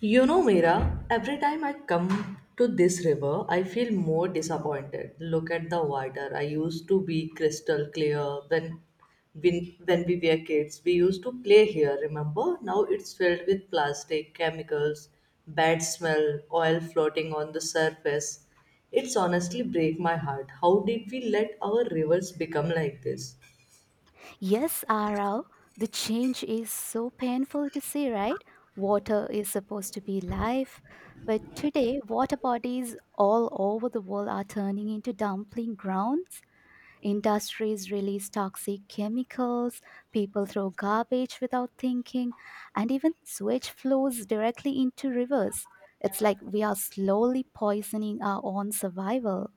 You know, Mira, every time I come to this river, I feel more disappointed. Look at the water. I used to be crystal clear when, when we were kids. We used to play here, remember? Now it's filled with plastic, chemicals, bad smell, oil floating on the surface. It's honestly break my heart. How did we let our rivers become like this? Yes, Arav, the change is so painful to see, right? Water is supposed to be life, but today water bodies all over the world are turning into dumping grounds. Industries release toxic chemicals, people throw garbage without thinking, and even sewage flows directly into rivers. It's like we are slowly poisoning our own survival.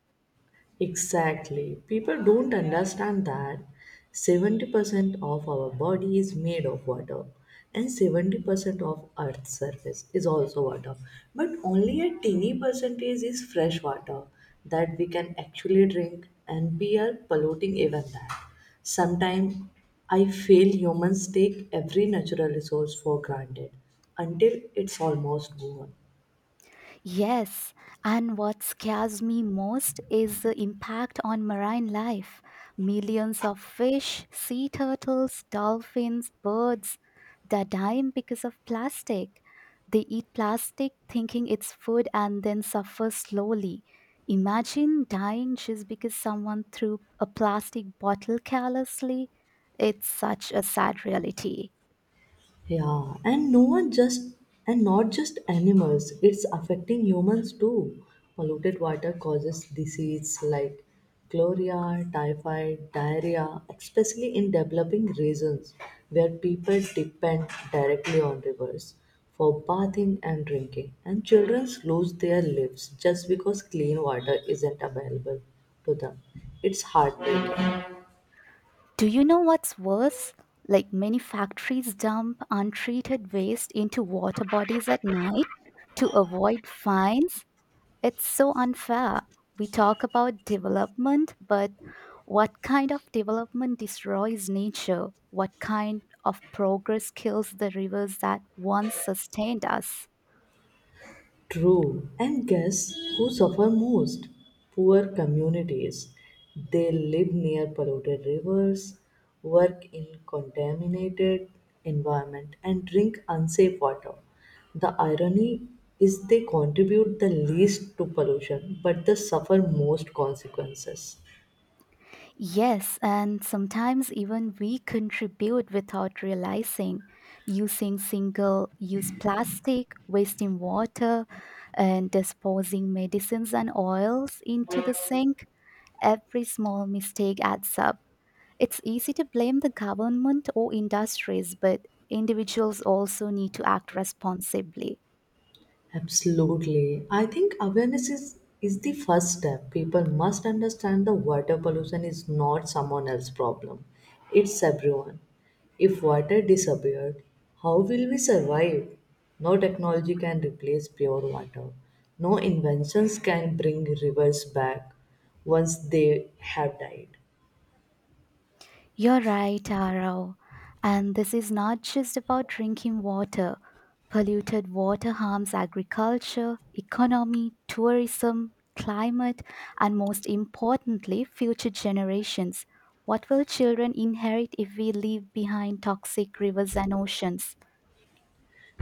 Exactly. People don't understand that 70% of our body is made of water and 70% of earth's surface is also water. But only a tiny percentage is fresh water that we can actually drink and we are polluting even that. Sometimes I feel humans take every natural resource for granted until it's almost gone. Yes, and what scares me most is the impact on marine life. Millions of fish, sea turtles, dolphins, birds that die because of plastic. They eat plastic thinking it's food and then suffer slowly. Imagine dying just because someone threw a plastic bottle carelessly. It's such a sad reality. Yeah, and no one just and not just animals, it's affecting humans too. Polluted water causes disease like cholera, typhoid, diarrhea, especially in developing regions where people depend directly on rivers for bathing and drinking. And children lose their lives just because clean water isn't available to them. It's heartbreaking. Do you know what's worse? Like many factories dump untreated waste into water bodies at night to avoid fines. It's so unfair. We talk about development, but what kind of development destroys nature? What kind of progress kills the rivers that once sustained us? True. And guess who suffer most? Poor communities. They live near polluted rivers, work in contaminated environment and drink unsafe water. The irony is they contribute the least to pollution but they suffer most consequences. Yes, and sometimes even we contribute without realizing, using single use plastic, wasting water, and disposing medicines and oils into the sink. Every small mistake adds up. It's easy to blame the government or industries, but individuals also need to act responsibly. Absolutely. I think awareness is the first step. People must understand the water pollution is not someone else's problem. It's everyone. If water disappeared, how will we survive? No technology can replace pure water. No inventions can bring rivers back once they have died. You're right, Arau. And this is not just about drinking water. Polluted water harms agriculture, economy, tourism, climate, and most importantly, future generations. What will children inherit if we leave behind toxic rivers and oceans?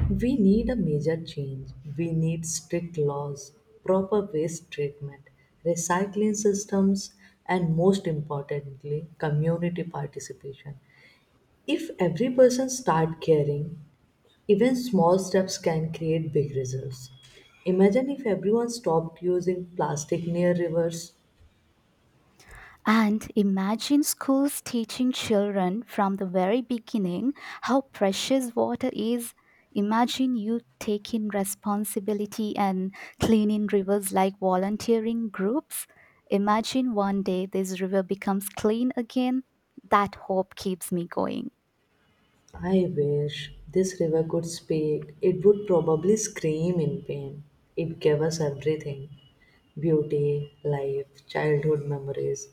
We need a major change. We need strict laws, proper waste treatment, recycling systems, and most importantly, community participation. If every person start caring, even small steps can create big results. Imagine if everyone stopped using plastic near rivers. And imagine schools teaching children from the very beginning how precious water is. Imagine you taking responsibility and cleaning rivers like volunteering groups. Imagine one day this river becomes clean again. That hope keeps me going. I wish this river could speak. It would probably scream in pain. It gave us everything beauty, life, childhood memories,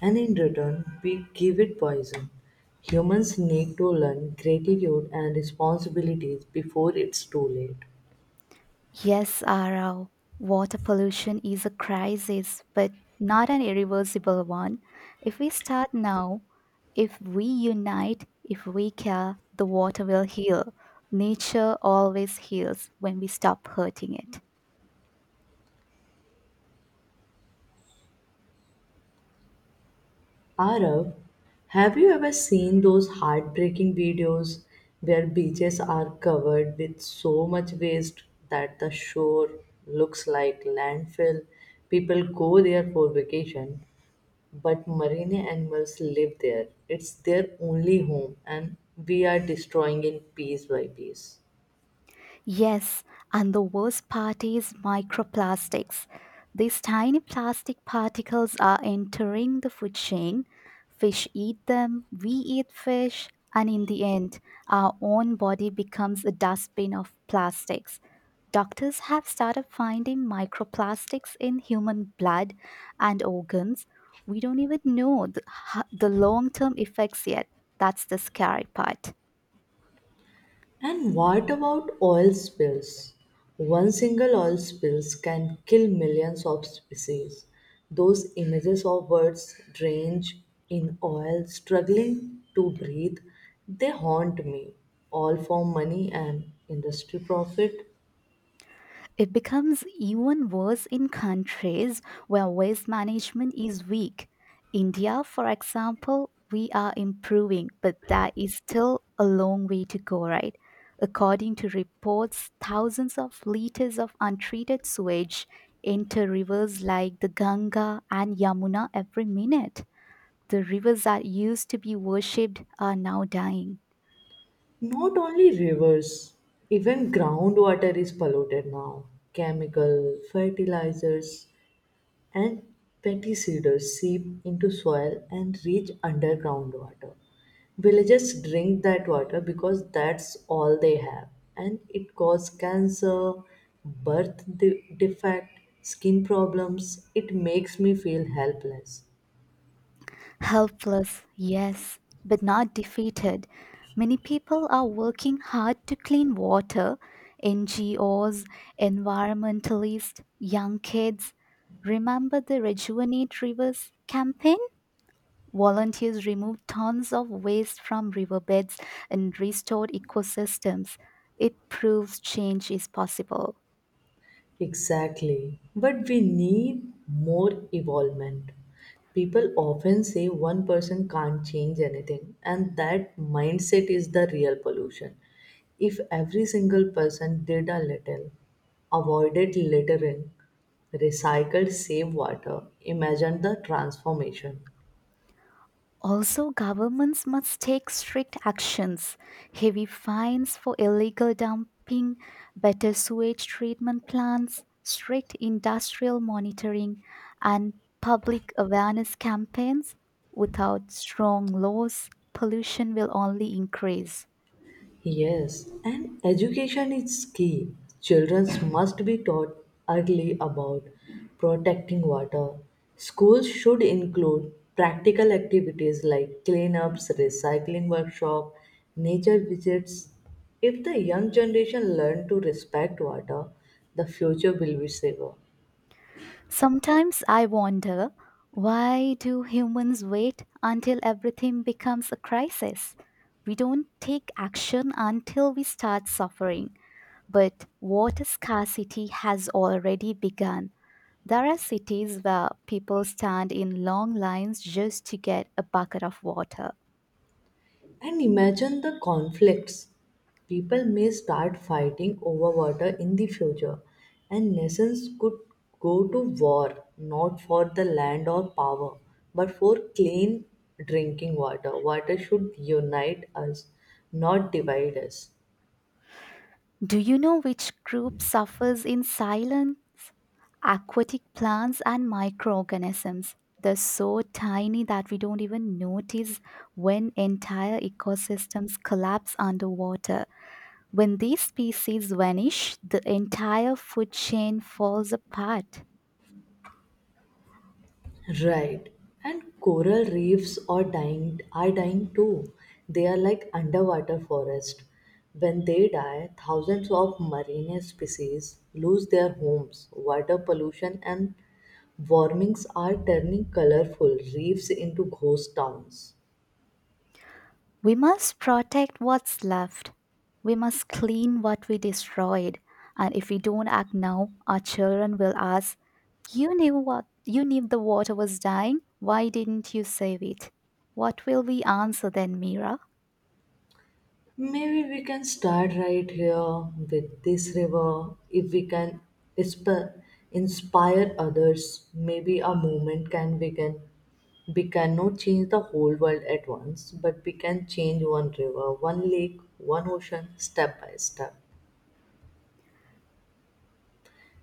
and in return, we give it poison. Humans need to learn gratitude and responsibilities before it's too late. Yes, Arav, water pollution is a crisis, but not an irreversible one. If we start now, if we unite, if we care, the water will heal. Nature always heals when we stop hurting it. Arav, have you ever seen those heartbreaking videos where beaches are covered with so much waste that the shore looks like landfill? People go there for vacation, but marine animals live there. It's their only home, and we are destroying it piece by piece. Yes, and the worst part is microplastics. These tiny plastic particles are entering the food chain. Fish eat them, we eat fish, and in the end, our own body becomes a dustbin of plastics. Doctors have started finding microplastics in human blood and organs. We don't even know the long term effects yet. That's the scary part. And what about oil spills? One single oil spills can kill millions of species. Those images of birds drenched in oil, struggling to breathe, they haunt me. All for money and industry profit. It becomes even worse in countries where waste management is weak. India, for example, we are improving, but that is still a long way to go, right? According to reports, thousands of liters of untreated sewage enter rivers like the Ganga and Yamuna every minute. The rivers that used to be worshipped are now dying. Not only rivers, even groundwater is polluted now. Chemical, fertilizers, and pesticides seep into soil and reach underground water. Villagers drink that water because that's all they have, and it causes cancer, birth defect, skin problems. It makes me feel helpless. Helpless, yes, but not defeated. Many people are working hard to clean water, NGOs, environmentalists, young kids. Remember the Rejuvenate Rivers campaign? Volunteers removed tons of waste from riverbeds and restored ecosystems. It proves change is possible. Exactly. But we need more involvement. People often say one person can't change anything, and that mindset is the real pollution. If every single person did a little, avoided littering, recycled safe water, imagine the transformation. Also, governments must take strict actions, heavy fines for illegal dumping, better sewage treatment plants, strict industrial monitoring, and public awareness campaigns. Without strong laws, pollution will only increase. Yes, and education is key. Children must be taught early about protecting water. Schools should include practical activities like cleanups, recycling workshop, nature visits. If the young generation learn to respect water, the future will be safer. Sometimes I wonder, why do humans wait until everything becomes a crisis? We don't take action until we start suffering. But water scarcity has already begun. There are cities where people stand in long lines just to get a bucket of water. And imagine the conflicts. People may start fighting over water in the future, and nations could go to war not for the land or power, but for clean drinking water. Water should unite us, not divide us. Do you know which group suffers in silence? Aquatic plants and microorganisms. They're so tiny that we don't even notice when entire ecosystems collapse underwater. When these species vanish, the entire food chain falls apart. Right. And coral reefs are dying too. They are like underwater forest. When they die, thousands of marine species lose their homes. Water pollution and warmings are turning colorful reefs into ghost towns. We must protect what's left. We must clean what we destroyed. And if we don't act now, our children will ask, "You knew what, you knew the water was dying. Why didn't you save it?" What will we answer then, Mira? Maybe we can start right here with this river. If we can insp- inspire others, maybe our movement can begin. We cannot change the whole world at once, but we can change one river, one lake, one ocean, step by step.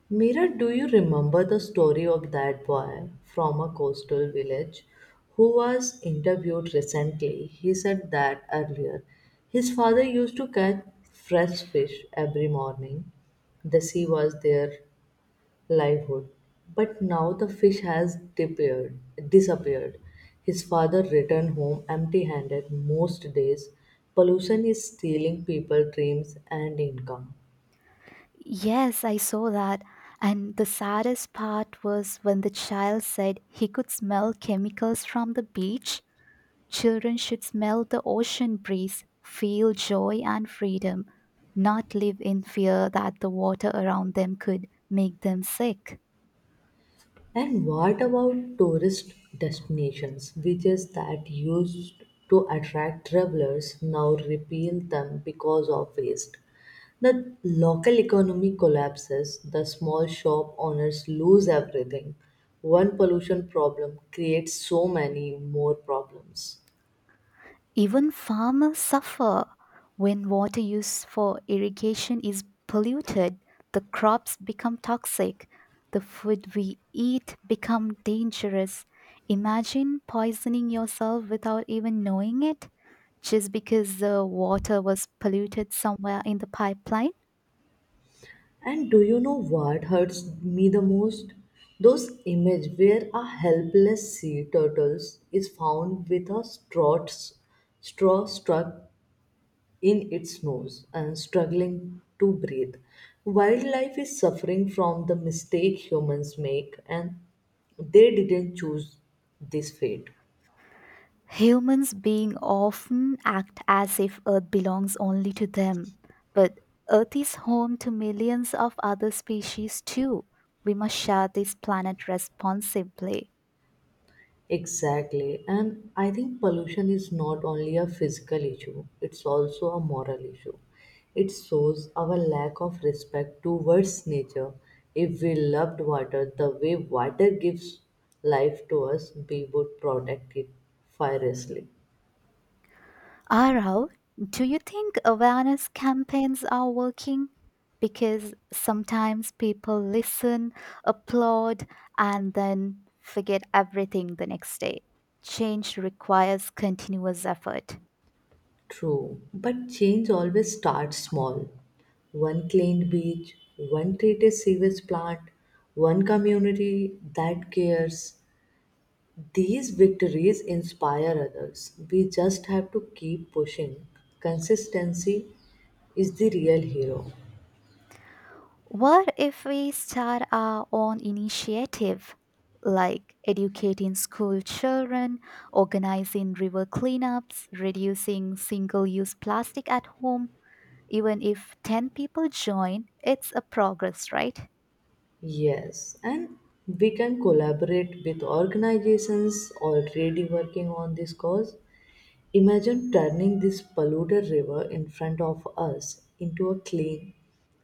Mira, do you remember the story of that boy from a coastal village who was interviewed recently? He said that earlier his father used to catch fresh fish every morning. The sea was their livelihood. But now the fish has disappeared. His father returned home empty handed most days. Pollution is stealing people's dreams and income. Yes, I saw that. And the saddest part was when the child said he could smell chemicals from the beach. Children should smell the ocean breeze, feel joy and freedom, not live in fear that the water around them could make them sick. And what about tourist destinations? Beaches that used to attract travelers now repel them because of waste. The local economy collapses, the small shop owners lose everything. One pollution problem creates so many more problems. Even farmers suffer when water used for irrigation is polluted, the crops become toxic, the food we eat become dangerous. Imagine poisoning yourself without even knowing it just because the water was polluted somewhere in the pipeline. And do you know what hurts me the most? Those images where a helpless sea turtle is found with a straw struck in its nose and struggling to breathe. Wildlife is suffering from the mistake humans make, and they didn't choose this fate. Humans being often act as if Earth belongs only to them, but Earth is home to millions of other species too. We must share this planet responsibly. Exactly, and I think pollution is not only a physical issue, it's also a moral issue. It shows our lack of respect towards nature. If we loved water the way water gives life to us, we would protect it fiercely. Arav, do you think awareness campaigns are working? Because sometimes people listen, applaud, and then forget everything the next day. Change requires continuous effort. True, but change always starts small. One cleaned beach, one treated sewage plant, one community that cares. These victories inspire others. We just have to keep pushing. Consistency is the real hero. What if we start our own initiative, like educating school children, organizing river cleanups, reducing single use plastic at home? Even if 10 people join, it's a progress, right? Yes, and we can collaborate with organizations already working on this cause. Imagine turning this polluted river in front of us into a clean,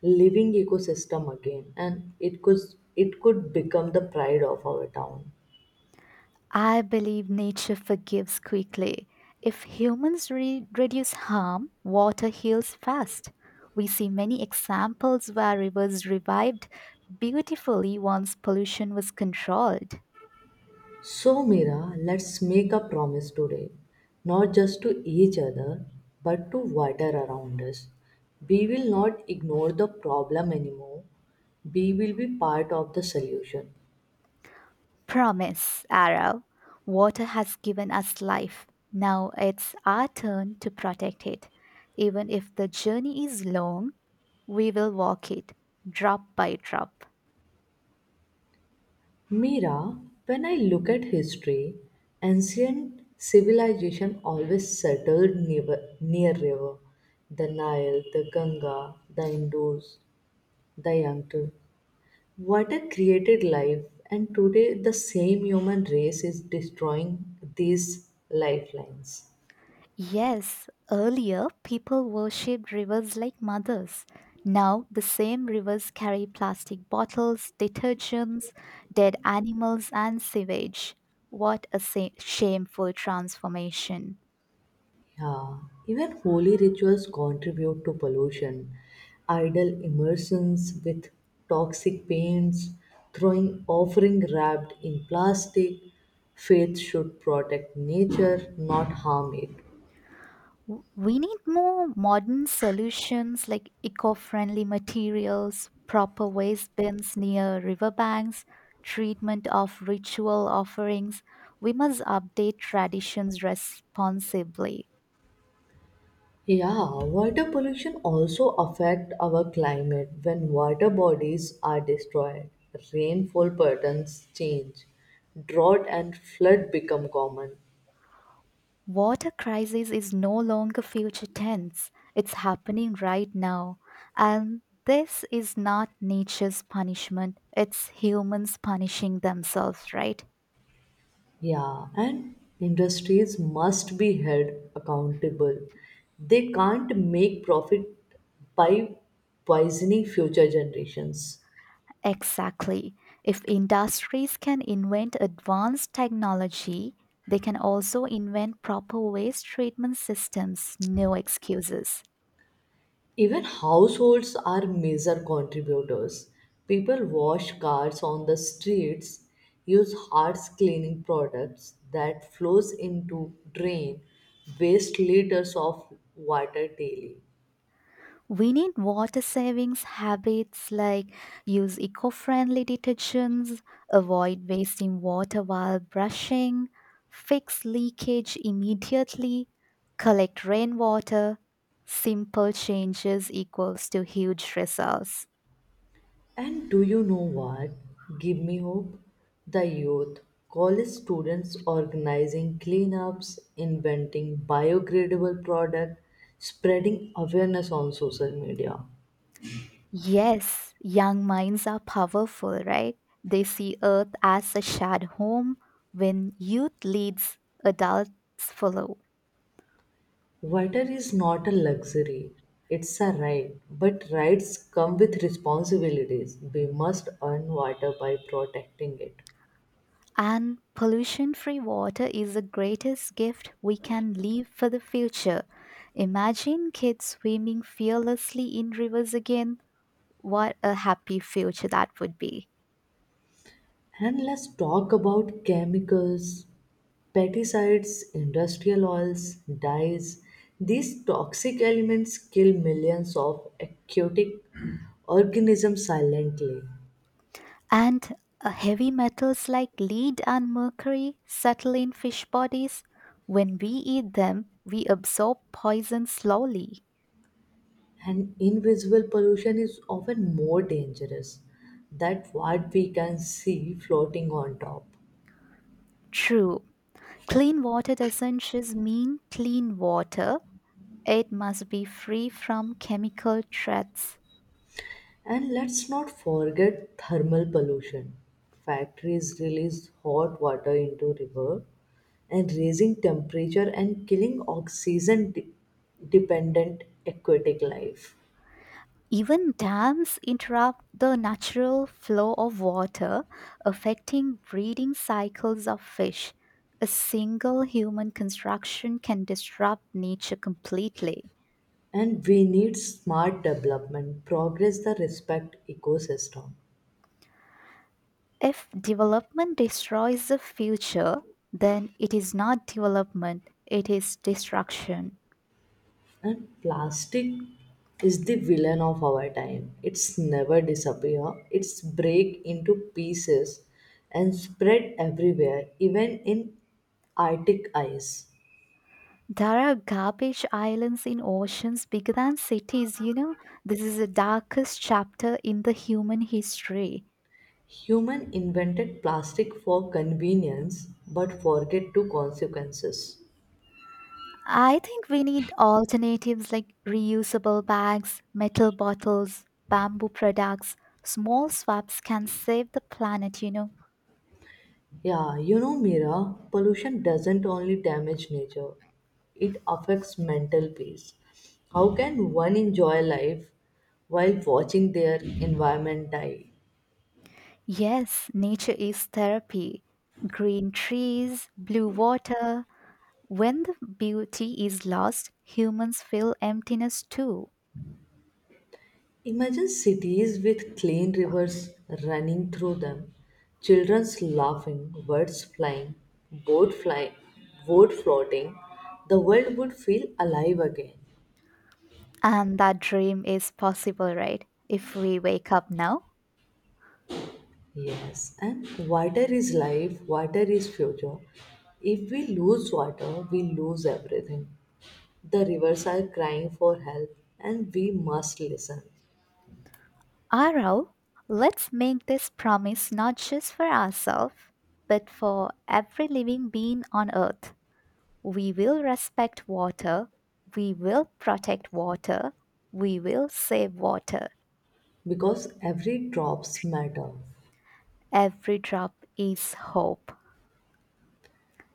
living ecosystem again, and it could become the pride of our town. I believe nature forgives quickly. If humans reduce harm, water heals fast. We see many examples where rivers revived beautifully once pollution was controlled. So, Mira, let's make a promise today, not just to each other, but to water around us. We will not ignore the problem anymore. We will be part of the solution. Promise, Arrow. Water has given us life. Now it's our turn to protect it. Even if the journey is long, we will walk it, drop by drop. Mira, when I look at history, ancient civilization always settled near river, the Nile, the Ganga, the Indus, the Yangtze. Water created life, and today the same human race is destroying these lifelines. Yes, earlier people worshipped rivers like mothers. Now the same rivers carry plastic bottles, detergents, dead animals, and sewage. What a shameful transformation. Yeah, even holy rituals contribute to pollution. Idol immersions with toxic paints, throwing offering wrapped in plastic. Faith should protect nature, not harm it. We need more modern solutions like eco friendly materials, proper waste bins near riverbanks, treatment of ritual offerings. We must update traditions responsibly. Yeah, water pollution also affect our climate when water bodies are destroyed. Rainfall patterns change, drought and flood become common. Water crisis is no longer future tense, it's happening right now. And this is not nature's punishment, it's humans punishing themselves, right? Yeah, and industries must be held accountable. They can't make profit by poisoning future generations. Exactly. If industries can invent advanced technology, they can also invent proper waste treatment systems, no excuses. Even households are major contributors. People wash cars on the streets, use harsh cleaning products that flows into drain waste liters of water daily. We need water savings habits like use eco friendly detergents, avoid wasting water while brushing, fix leakage immediately, collect rainwater. Simple changes equals to huge results. And do you know what? Give me hope. The youth, college students organizing cleanups, inventing biodegradable products, spreading awareness on social media. Yes, young minds are powerful, right? They see Earth as a shared home. When youth leads, adults follow. Water is not a luxury, it's a right. But rights come with responsibilities. We must earn water by protecting it. And pollution free water is the greatest gift we can leave for the future. Imagine kids swimming fearlessly in rivers again. What a happy future that would be. And let's talk about chemicals, pesticides, industrial oils, dyes. These toxic elements kill millions of aquatic organisms silently. And heavy metals like lead and mercury settle in fish bodies. When we eat them, we absorb poison slowly. And invisible pollution is often more dangerous than what we can see floating on top. True. Clean water doesn't just mean clean water, it must be free from chemical threats. And let's not forget thermal pollution. Factories release hot water into river and raising temperature and killing oxygen dependent aquatic life. Even dams interrupt the natural flow of water, affecting breeding cycles of fish. A single human construction can disrupt nature completely. And we need smart development, progress the respect ecosystem. If development destroys the future, then it is not development, it is destruction. And plastic is the villain of our time. It's never disappear. It's break into pieces and spread everywhere, even in Arctic ice. There are garbage islands in oceans bigger than cities, you know. This is the darkest chapter in the human history. Human invented plastic for convenience but forget to consequences. I think we need alternatives like reusable bags, metal bottles, bamboo products. Small swaps can save the planet, you know. Yeah, Mira, pollution doesn't only damage nature, it affects mental peace. How can one enjoy life while watching their environment die? Yes, nature is therapy. Green trees, blue water, when the beauty is lost, humans feel emptiness too. Imagine cities with clean rivers running through them, children's laughing, birds flying, boat flying, boat floating. The world would feel alive again. And that dream is possible, right? If we wake up now. Yes, and water is life, water is future. If we lose water, we lose everything. The rivers are crying for help and we must listen Arav, let's make this promise not just for ourselves, but for every living being on earth. We will respect water, we will protect water, we will save water. because every drops matter Every drop is hope,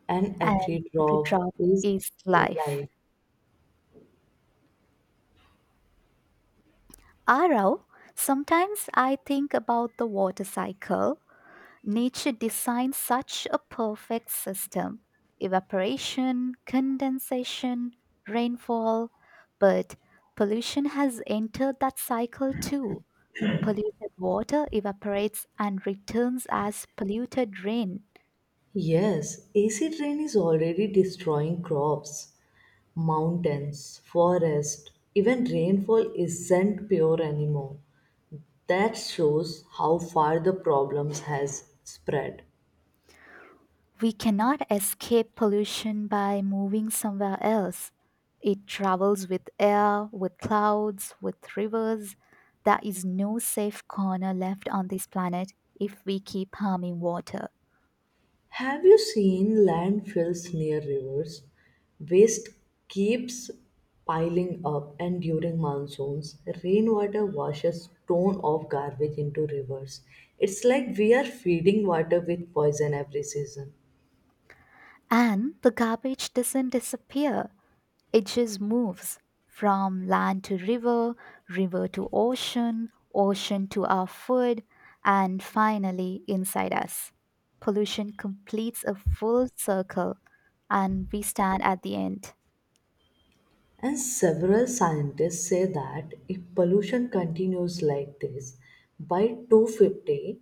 and every and every drop drop is is life. life. Arav, sometimes I think about the water cycle. Nature designed such a perfect system: evaporation, condensation, rainfall. But pollution has entered that cycle too. Polluted water evaporates and returns as polluted rain. Yes, acid rain is already destroying crops, mountains, forest, even rainfall isn't pure anymore. That shows how far the problems has spread. We cannot escape pollution by moving somewhere else. It travels with air, with clouds, with rivers. There is no safe corner left on this planet if we keep harming water. Have you seen landfills near rivers? Waste keeps piling up and during monsoons, rainwater washes ton of garbage into rivers. It's like we are feeding water with poison every season. And the garbage doesn't disappear. It just moves from land to river, river to ocean, ocean to our food, and finally inside us. Pollution completes a full circle, and we stand at the end. And several scientists say that if pollution continues like this, by 250,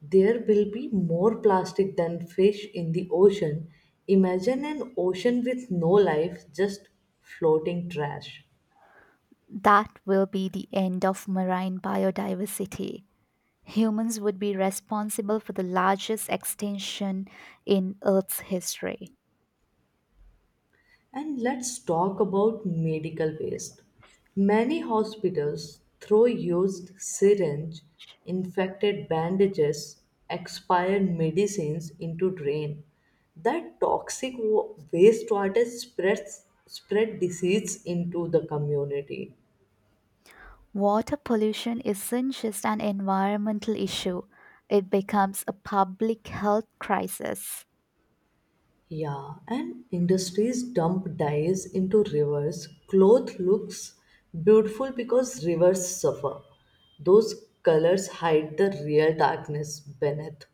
there will be more plastic than fish in the ocean. Imagine an ocean with no life, just floating trash. That will be the end of marine biodiversity. Humans would be responsible for the largest extinction in Earth's history. And let's talk about medical waste. Many hospitals throw used syringe, infected bandages, expired medicines into drain. That toxic wastewater spread disease into the community. Water pollution isn't just an environmental issue, it becomes a public health crisis. Yeah, and industries dump dyes into rivers. Cloth looks beautiful because rivers suffer. Those colors hide the real darkness beneath.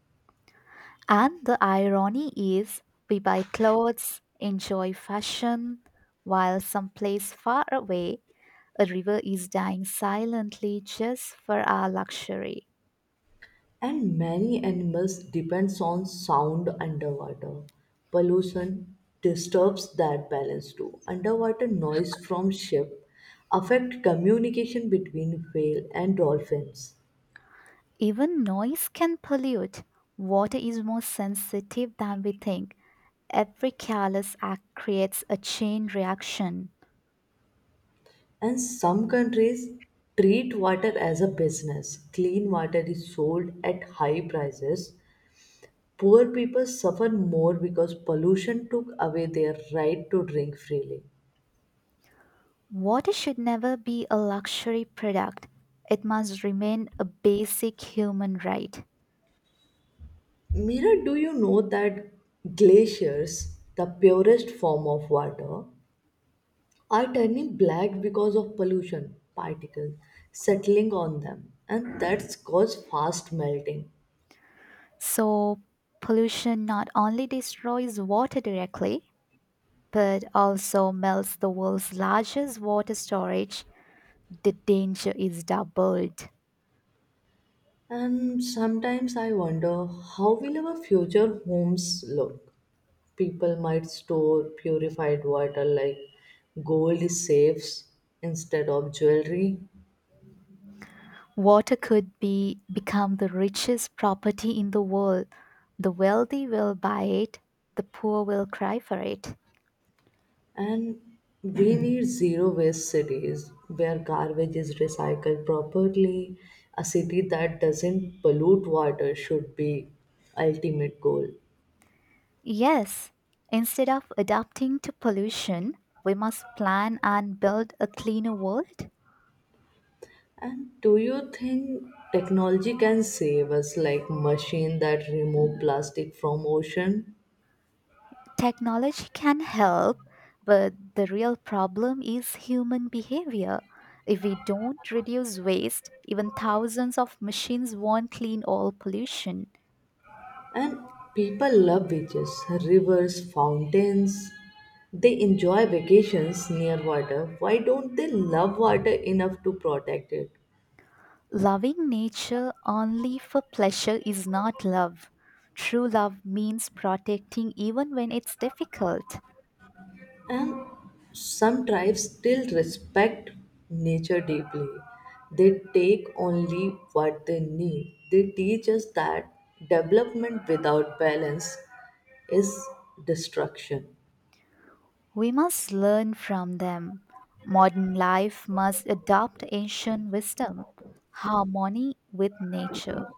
And the irony is, we buy clothes, enjoy fashion, while someplace far away, a river is dying silently just for our luxury. And many animals depends on sound underwater. Pollution disturbs that balance too. Underwater noise from ship affect communication between whale and dolphins. Even noise can pollute. Water is more sensitive than we think. Every careless act creates a chain reaction. And some countries treat water as a business. Clean water is sold at high prices. Poor people suffer more because pollution took away their right to drink freely. Water should never be a luxury product. It must remain a basic human right. Mira, do you know that glaciers, the purest form of water, are turning black because of pollution particles settling on them, and that's caused fast melting. So, pollution not only destroys water directly, but also melts the world's largest water storage. The danger is doubled. And sometimes I wonder how will our future homes look? People might store purified water like gold safes instead of jewelry. Water could be become the richest property in the world. The wealthy will buy it, the poor will cry for it. And we need zero waste cities where garbage is recycled properly. A city that doesn't pollute water should be ultimate goal. Yes, instead of adapting to pollution, we must plan and build a cleaner world. And do you think technology can save us like machine that remove plastic from ocean? Technology can help, but the real problem is human behavior. If we don't reduce waste, even thousands of machines won't clean all pollution. And people love beaches, rivers, fountains. They enjoy vacations near water. Why don't they love water enough to protect it? Loving nature only for pleasure is not love. True love means protecting even when it's difficult. And some tribes still respect nature deeply. They take only what they need. They teach us that development without balance is destruction. We must learn from them. Modern life must adopt ancient wisdom, harmony with nature.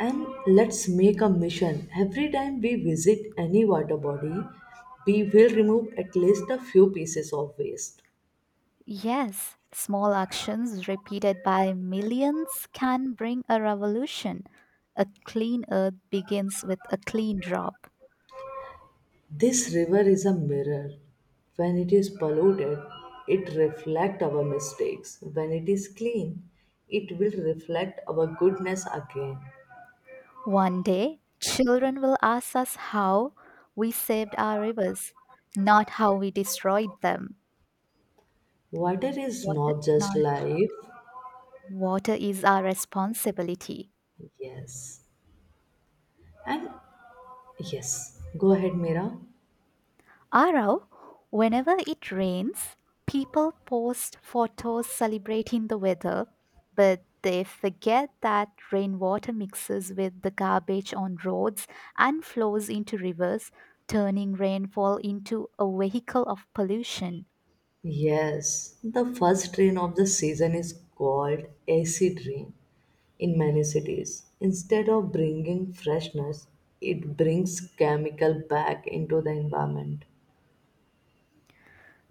And let's make a mission. Every time we visit any water body, we will remove at least a few pieces of waste. Yes, small actions repeated by millions can bring a revolution. A clean earth begins with a clean drop. This river is a mirror. When it is polluted, it reflects our mistakes. When it is clean, it will reflect our goodness again. One day, children will ask us how we saved our rivers, not how we destroyed them. Water is Water not is just not life. water is our responsibility. Yes. And yes. Go ahead, Mira. Arau, whenever it rains, people post photos celebrating the weather, but they forget that rainwater mixes with the garbage on roads and flows into rivers, turning rainfall into a vehicle of pollution. Yes. The first rain of the season is called acid rain in many cities. Instead of bringing freshness, it brings chemical back into the environment.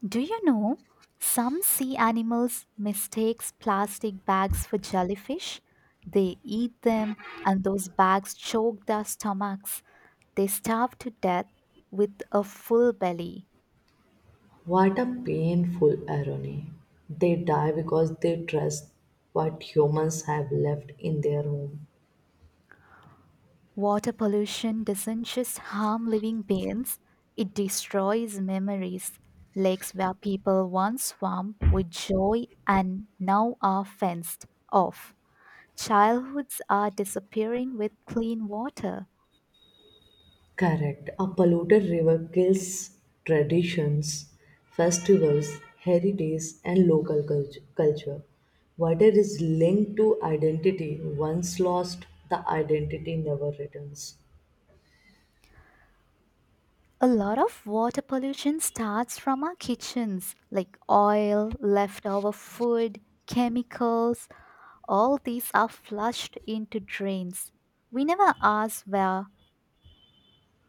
Do you know some sea animals mistakes plastic bags for jellyfish? They eat them and those bags choke their stomachs. They starve to death with a full belly. What a painful irony. They die because they trust what humans have left in their home. Water pollution doesn't just harm living beings, it destroys memories. Lakes where people once swam with joy and now are fenced off. Childhoods are disappearing with clean water. Correct. A polluted river kills traditions, festivals, heritage, and local culture. Water is linked to identity. Once lost, the identity never returns. A lot of water pollution starts from our kitchens, like oil, leftover food, chemicals, all these are flushed into drains. We never ask where,